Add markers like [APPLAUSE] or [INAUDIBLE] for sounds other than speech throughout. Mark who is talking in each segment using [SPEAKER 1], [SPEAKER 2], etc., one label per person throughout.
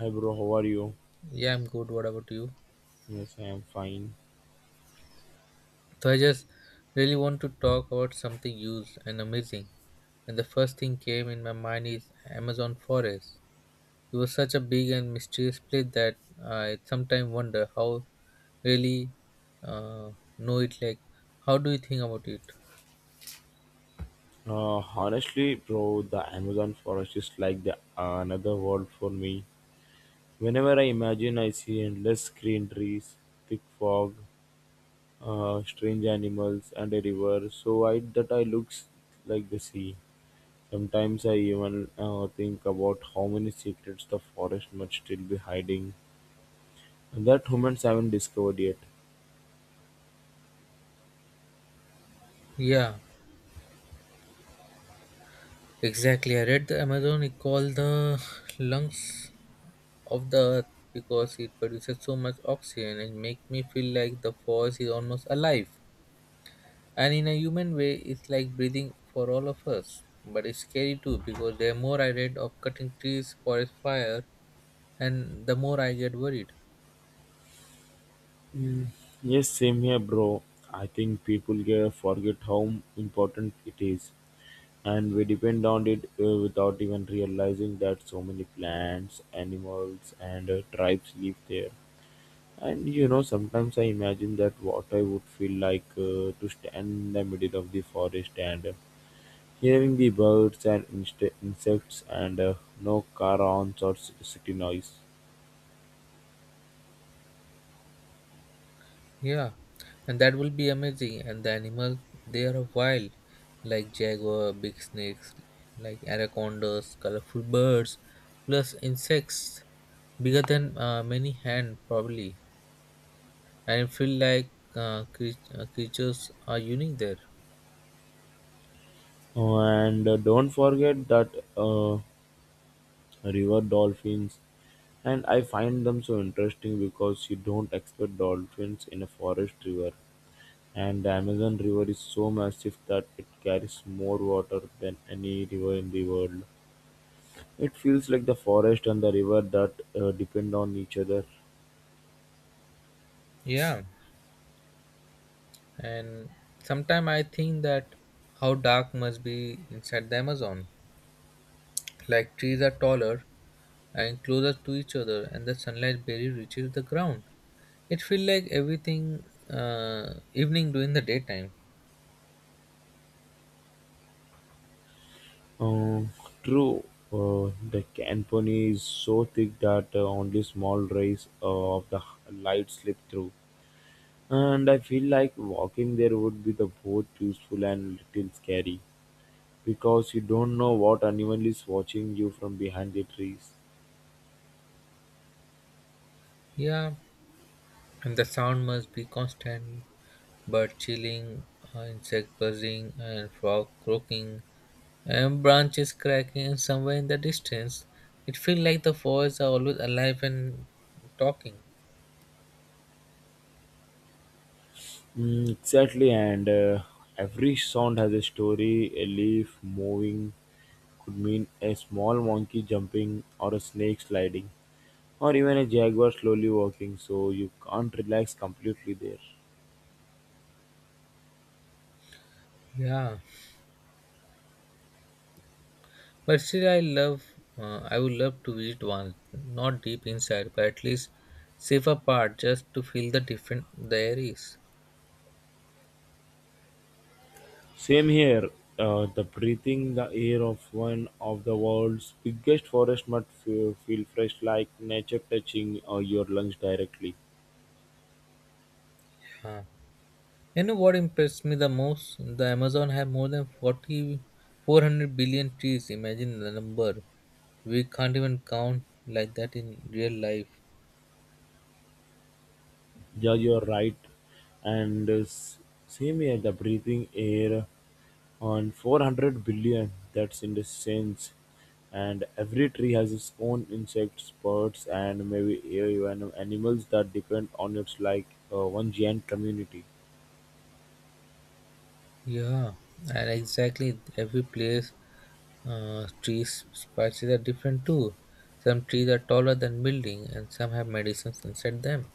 [SPEAKER 1] Hi bro, how are you?
[SPEAKER 2] Yeah, I'm good. What about you?
[SPEAKER 1] Yes, I am fine.
[SPEAKER 2] So I just really want to talk about something used and amazing. And the first thing came in my mind is Amazon forest. It was such a big and mysterious place that I sometimes wonder how really uh, know it. Like, how do you think about it?
[SPEAKER 1] Uh, Honestly, bro, the Amazon forest is like the another world for me. Whenever I imagine, I see endless green trees, thick fog, strange animals, and a river so wide that I looks like the sea. Sometimes I even think about how many secrets the forest must still be hiding and that humans haven't discovered yet.
[SPEAKER 2] Yeah, exactly. I read the Amazon is called the lungs of the earth because it produces so much oxygen and make me feel like the forest is almost alive. And in a human way, it's like breathing for all of us. But it's scary too because the more I read of cutting trees for a fire, and the more I get worried.
[SPEAKER 1] Yes, same here, bro. I think people get forget how important it is, and we depend on it without even realizing that so many plants, animals, and tribes live there. And sometimes I imagine that what I would feel like to stand in the middle of the forest and hearing the birds and insects and no car horns or city noise.
[SPEAKER 2] Yeah, and that will be amazing. And the animals, they are wild, like jaguar, big snakes, like anacondas, colorful birds, plus insects bigger than many hand probably. And I feel like creatures are unique there.
[SPEAKER 1] Oh, and don't forget that uh, river dolphins. And I find them so interesting because you don't expect dolphins in a forest river. And the Amazon River is so massive that it carries more water than any river in the world. It feels like the forest and the river that depend on each other.
[SPEAKER 2] Yeah. And sometimes I think that how dark must be inside the Amazon, like trees are taller and closer to each other, and the sunlight barely reaches the ground. It feels like everything, evening during the daytime.
[SPEAKER 1] Um, True, the canopy is so thick that only small rays of the light slip through. And I feel like walking there would be the both useful and little scary, because you don't know what anyone is watching you from behind the trees.
[SPEAKER 2] Yeah, and the sound must be constant. Bird chilling, insect buzzing, and frog croaking, and branches cracking, and somewhere in the distance, it feels like the forests are always alive and talking.
[SPEAKER 1] Mm, exactly, and every sound has a story. A leaf moving could mean a small monkey jumping, or a snake sliding, or even a jaguar slowly walking, so you can't relax completely there.
[SPEAKER 2] Yeah, but still, I love. I would love to visit once, not deep inside, but at least safe apart, just to feel the different the there is.
[SPEAKER 1] Same here. The breathing the air of one of the world's biggest forest must feel fresh like nature touching your lungs directly.
[SPEAKER 2] Yeah. You know what impressed me the most? The Amazon have more than 4,400 billion trees. Imagine the number. We can't even count like that in real life.
[SPEAKER 1] Yeah, you're right. And same here, the breathing air on 400 billion, that's in the sense. And every tree has its own insects, birds, and maybe even animals that depend on it like one giant community.
[SPEAKER 2] Yeah, and exactly every place trees spices are different too. Some trees are taller than building, and some have medicines inside them.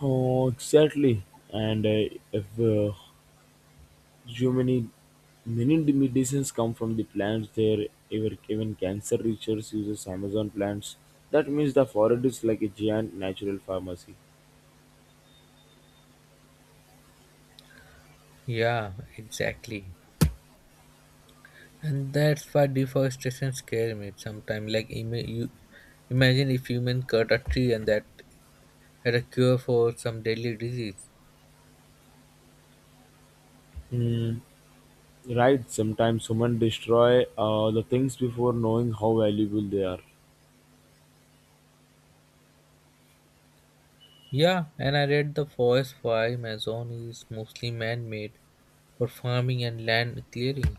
[SPEAKER 1] Oh, exactly. And if so many medicines come from the plants there. Even cancer research uses Amazon plants. That means the forest is like a giant natural pharmacy.
[SPEAKER 2] Yeah, exactly. And that's why deforestation scares me sometimes. Like, imagine if human cut a tree and that had a cure for some deadly disease.
[SPEAKER 1] Mm, right, sometimes humans destroy the things before knowing how valuable they are.
[SPEAKER 2] Yeah, and I read the forest for Amazon is mostly man-made for farming and land clearing.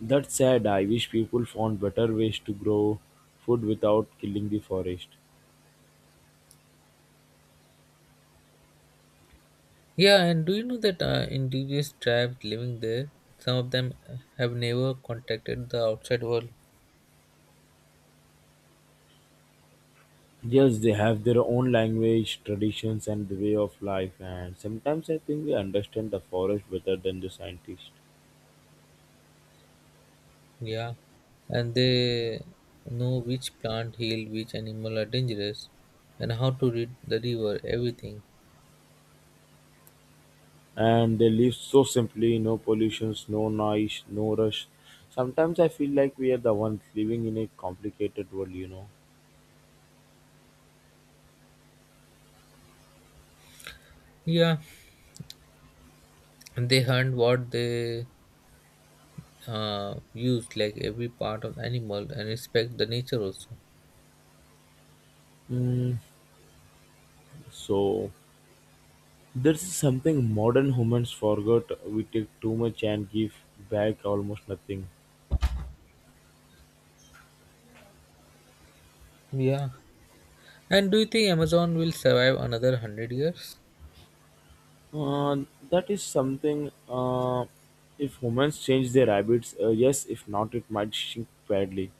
[SPEAKER 1] That's sad. I wish people found better ways to grow food without killing the forest.
[SPEAKER 2] Yeah, and do you know that indigenous tribes living there, some of them have never contacted the outside world?
[SPEAKER 1] Yes, they have their own language, traditions, and the way of life, and sometimes I think we understand the forest better than the scientists.
[SPEAKER 2] Yeah, and they know which plant heal, which animal are dangerous, and how to read the river, everything.
[SPEAKER 1] And they live so simply, no pollutions, no noise, no rush. Sometimes I feel like we are the ones living in a complicated world.
[SPEAKER 2] Yeah, and they hunt what they use, like every part of animal, and respect the nature also.
[SPEAKER 1] mm, so there's something modern humans forgot. We take too much and give back almost nothing.
[SPEAKER 2] Yeah, and do you think Amazon will survive another 100 years?
[SPEAKER 1] uh, that is something. If humans change their habits, yes. If not, it might shrink badly.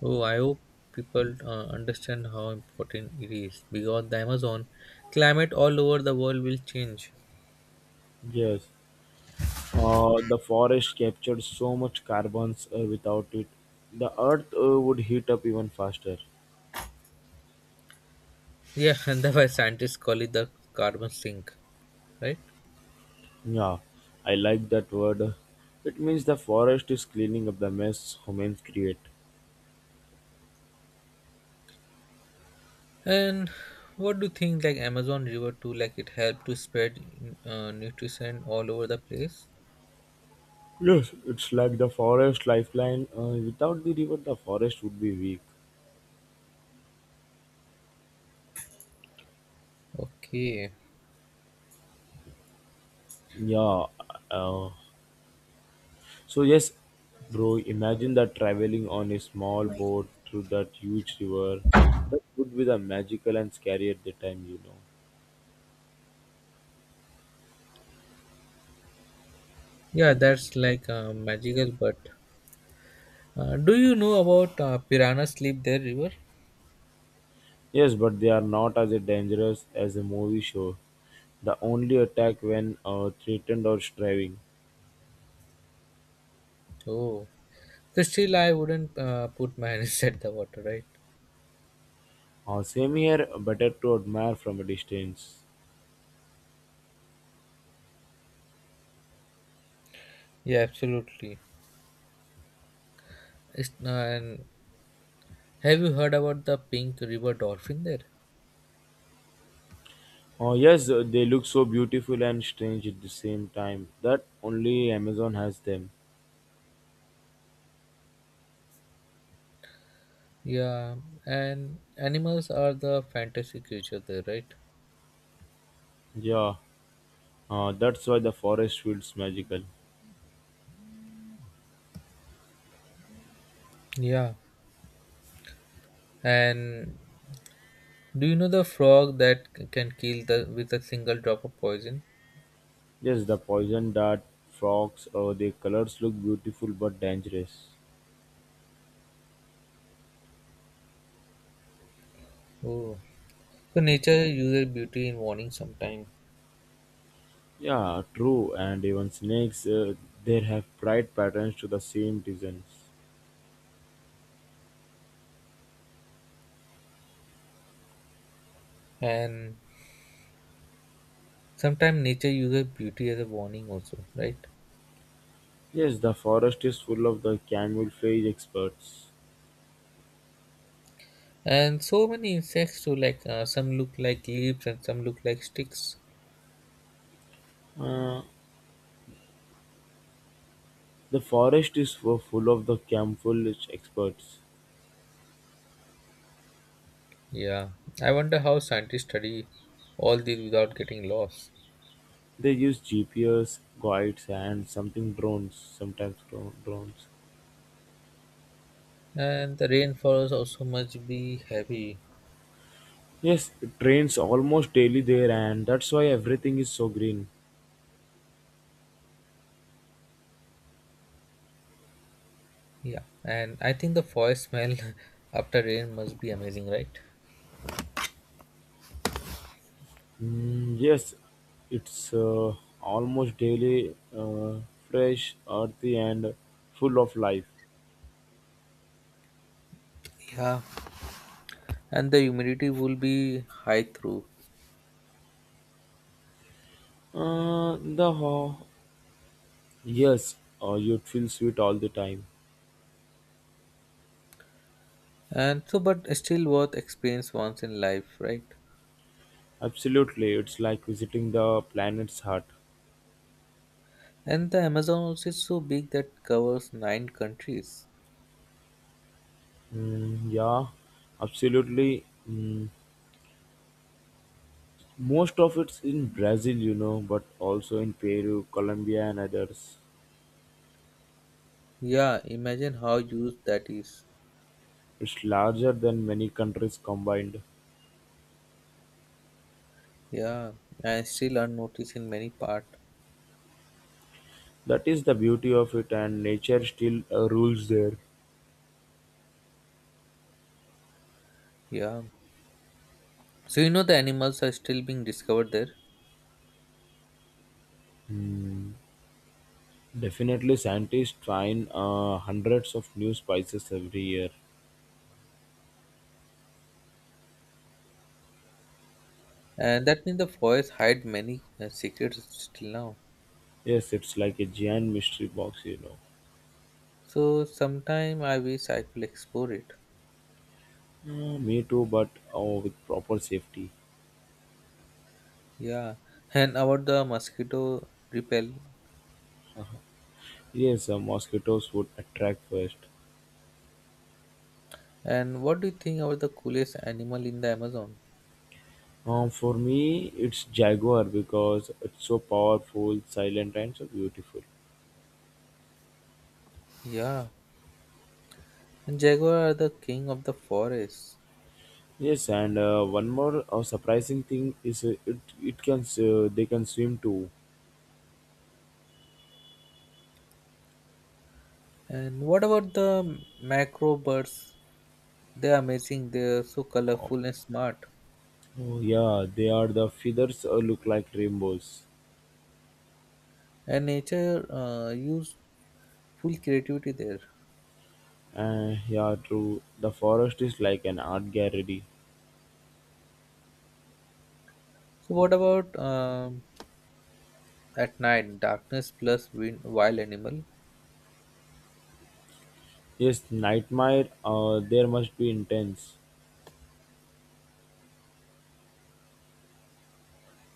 [SPEAKER 2] Oh, I hope people understand how important it is because the Amazon climate all over the world will change.
[SPEAKER 1] Yes. The forest captured so much carbons, without it, the earth would heat up even faster.
[SPEAKER 2] Yeah, [LAUGHS] and that's why scientists call it the carbon sink, right?
[SPEAKER 1] Yeah, I like that word. It means the forest is cleaning up the mess humans create.
[SPEAKER 2] And what do you think like Amazon River too, like it helped to spread nutrition all over the place?
[SPEAKER 1] Yes, it's like the forest lifeline. Without the river, the forest would be weak.
[SPEAKER 2] Okay.
[SPEAKER 1] Yeah. Uh, so yes, bro. Imagine that traveling on a small boat through that huge river. That would be the magical and scary at the time.
[SPEAKER 2] Yeah, that's like magical, but do you know about piranha sleep there river?
[SPEAKER 1] Yes, but they are not as dangerous as a movie show. The only attack when threatened or striving.
[SPEAKER 2] Oh. So still I wouldn't put my hand [LAUGHS] inside the water, right?
[SPEAKER 1] Same here, better to admire from a distance.
[SPEAKER 2] Yeah, absolutely. It's, and have you heard about the pink river dolphin there?
[SPEAKER 1] Oh yes, they look so beautiful and strange at the same time. That only Amazon has them.
[SPEAKER 2] Yeah, and animals are the fantasy creature there, right?
[SPEAKER 1] Yeah, that's why the forest feels magical.
[SPEAKER 2] Yeah, and do you know the frog that can kill the with a single drop of poison?
[SPEAKER 1] Yes, the poison dart, frogs, their colors look beautiful but dangerous.
[SPEAKER 2] Oh, so nature uses beauty in warning sometimes,
[SPEAKER 1] Yeah, true, and even snakes, they have bright patterns to the same designs.
[SPEAKER 2] and sometimes nature uses beauty as a warning also, right?
[SPEAKER 1] Yes, the forest is full of the camouflage experts.
[SPEAKER 2] And so many insects too, like some look like leaves and some look like sticks.
[SPEAKER 1] Uh, the forest is full of the camouflage experts.
[SPEAKER 2] Yeah, I wonder how scientists study all these without getting lost.
[SPEAKER 1] They use GPS, guides, and something drones, sometimes drones.
[SPEAKER 2] And the rainforest also must be heavy.
[SPEAKER 1] Yes, it rains almost daily there, and that's why everything is so green.
[SPEAKER 2] Yeah, and I think the forest smell [LAUGHS] after rain must be amazing, right?
[SPEAKER 1] Mm, yes, it's almost daily, fresh, earthy, and full of life.
[SPEAKER 2] Yeah, and the humidity will be high through.
[SPEAKER 1] Uh, the ho- yes, you'd feel sweet all the time.
[SPEAKER 2] And so, but still worth experience once in life, right?
[SPEAKER 1] Absolutely, it's like visiting the planet's heart.
[SPEAKER 2] And the Amazon also is so big that covers nine countries.
[SPEAKER 1] Mm, yeah, absolutely. Mm, Most of it's in Brazil, but also in Peru, Colombia, and others.
[SPEAKER 2] Yeah, imagine how huge that is.
[SPEAKER 1] It's larger than many countries combined.
[SPEAKER 2] Yeah, and still unnoticed in many part.
[SPEAKER 1] That is the beauty of it, and nature still rules there.
[SPEAKER 2] Yeah, so you know the animals are still being discovered there.
[SPEAKER 1] Definitely, scientists find hundreds of new spices every year.
[SPEAKER 2] And that means the forest hide many, secrets still now.
[SPEAKER 1] Yes, it's like a giant mystery box.
[SPEAKER 2] So sometime I wish I could explore it.
[SPEAKER 1] Me too, but oh, with proper safety.
[SPEAKER 2] Yeah, and about the mosquito repel.
[SPEAKER 1] Yes, the mosquitoes would attract first.
[SPEAKER 2] And what do you think about the coolest animal in the Amazon?
[SPEAKER 1] For me, it's jaguar because it's so powerful, silent, and so beautiful.
[SPEAKER 2] Yeah, and jaguar are the king of the forest.
[SPEAKER 1] Yes, and one more surprising thing is it can they can swim too.
[SPEAKER 2] And what about the macro birds? They are amazing. They are so colorful and smart.
[SPEAKER 1] Oh, yeah, they are the feathers look like rainbows.
[SPEAKER 2] And nature used full creativity there.
[SPEAKER 1] Yeah, true. The forest is like an art gallery.
[SPEAKER 2] So what about at night darkness plus wind, wild animal?
[SPEAKER 1] Yes, nightmare. There must be intense.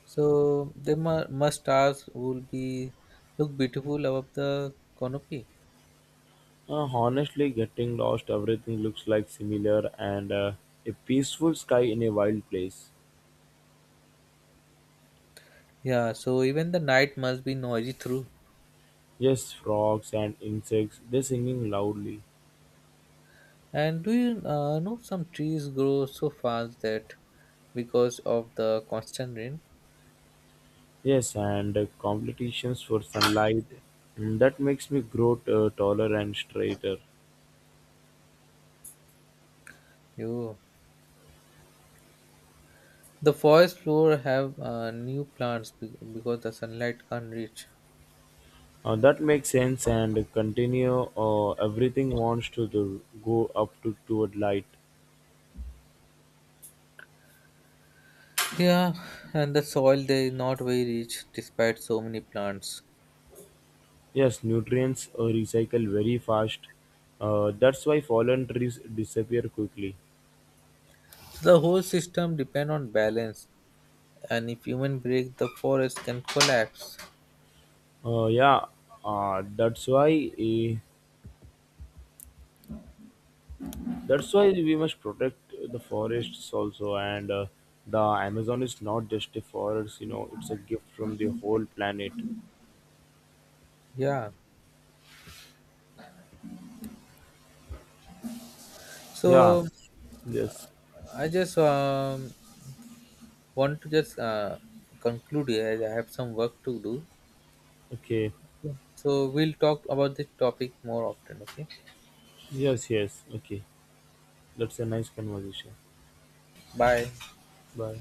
[SPEAKER 2] So the must stars will be look beautiful above the canopy.
[SPEAKER 1] Honestly, getting lost, everything looks like similar and a peaceful sky in a wild place.
[SPEAKER 2] Yeah. So even the night must be noisy through.
[SPEAKER 1] Yes, frogs and insects, they singing loudly.
[SPEAKER 2] And do you know some trees grow so fast that because of the constant rain,
[SPEAKER 1] Yes, and competitions for sunlight. That makes me grow taller and straighter.
[SPEAKER 2] you the forest floor have new plants because the sunlight can't reach.
[SPEAKER 1] That makes sense and continue. Everything wants to do, go up to toward light.
[SPEAKER 2] Yeah, and the soil they not very rich despite so many plants.
[SPEAKER 1] Yes, nutrients recycle very fast. That's why fallen trees disappear quickly.
[SPEAKER 2] The whole system depend on balance, and if human break, the forest can collapse.
[SPEAKER 1] Yeah, uh, that's why eh, that's why we must protect the forests also, and the Amazon is not just a forest, it's a gift from the whole planet.
[SPEAKER 2] Yeah.
[SPEAKER 1] Yeah.
[SPEAKER 2] So
[SPEAKER 1] Yes.
[SPEAKER 2] I just want to just conclude here. I have some work to do.
[SPEAKER 1] Okay.
[SPEAKER 2] So we'll talk about this topic more often. Okay.
[SPEAKER 1] Yes. Yes. Okay. That's a nice conversation.
[SPEAKER 2] Bye.
[SPEAKER 1] Bye.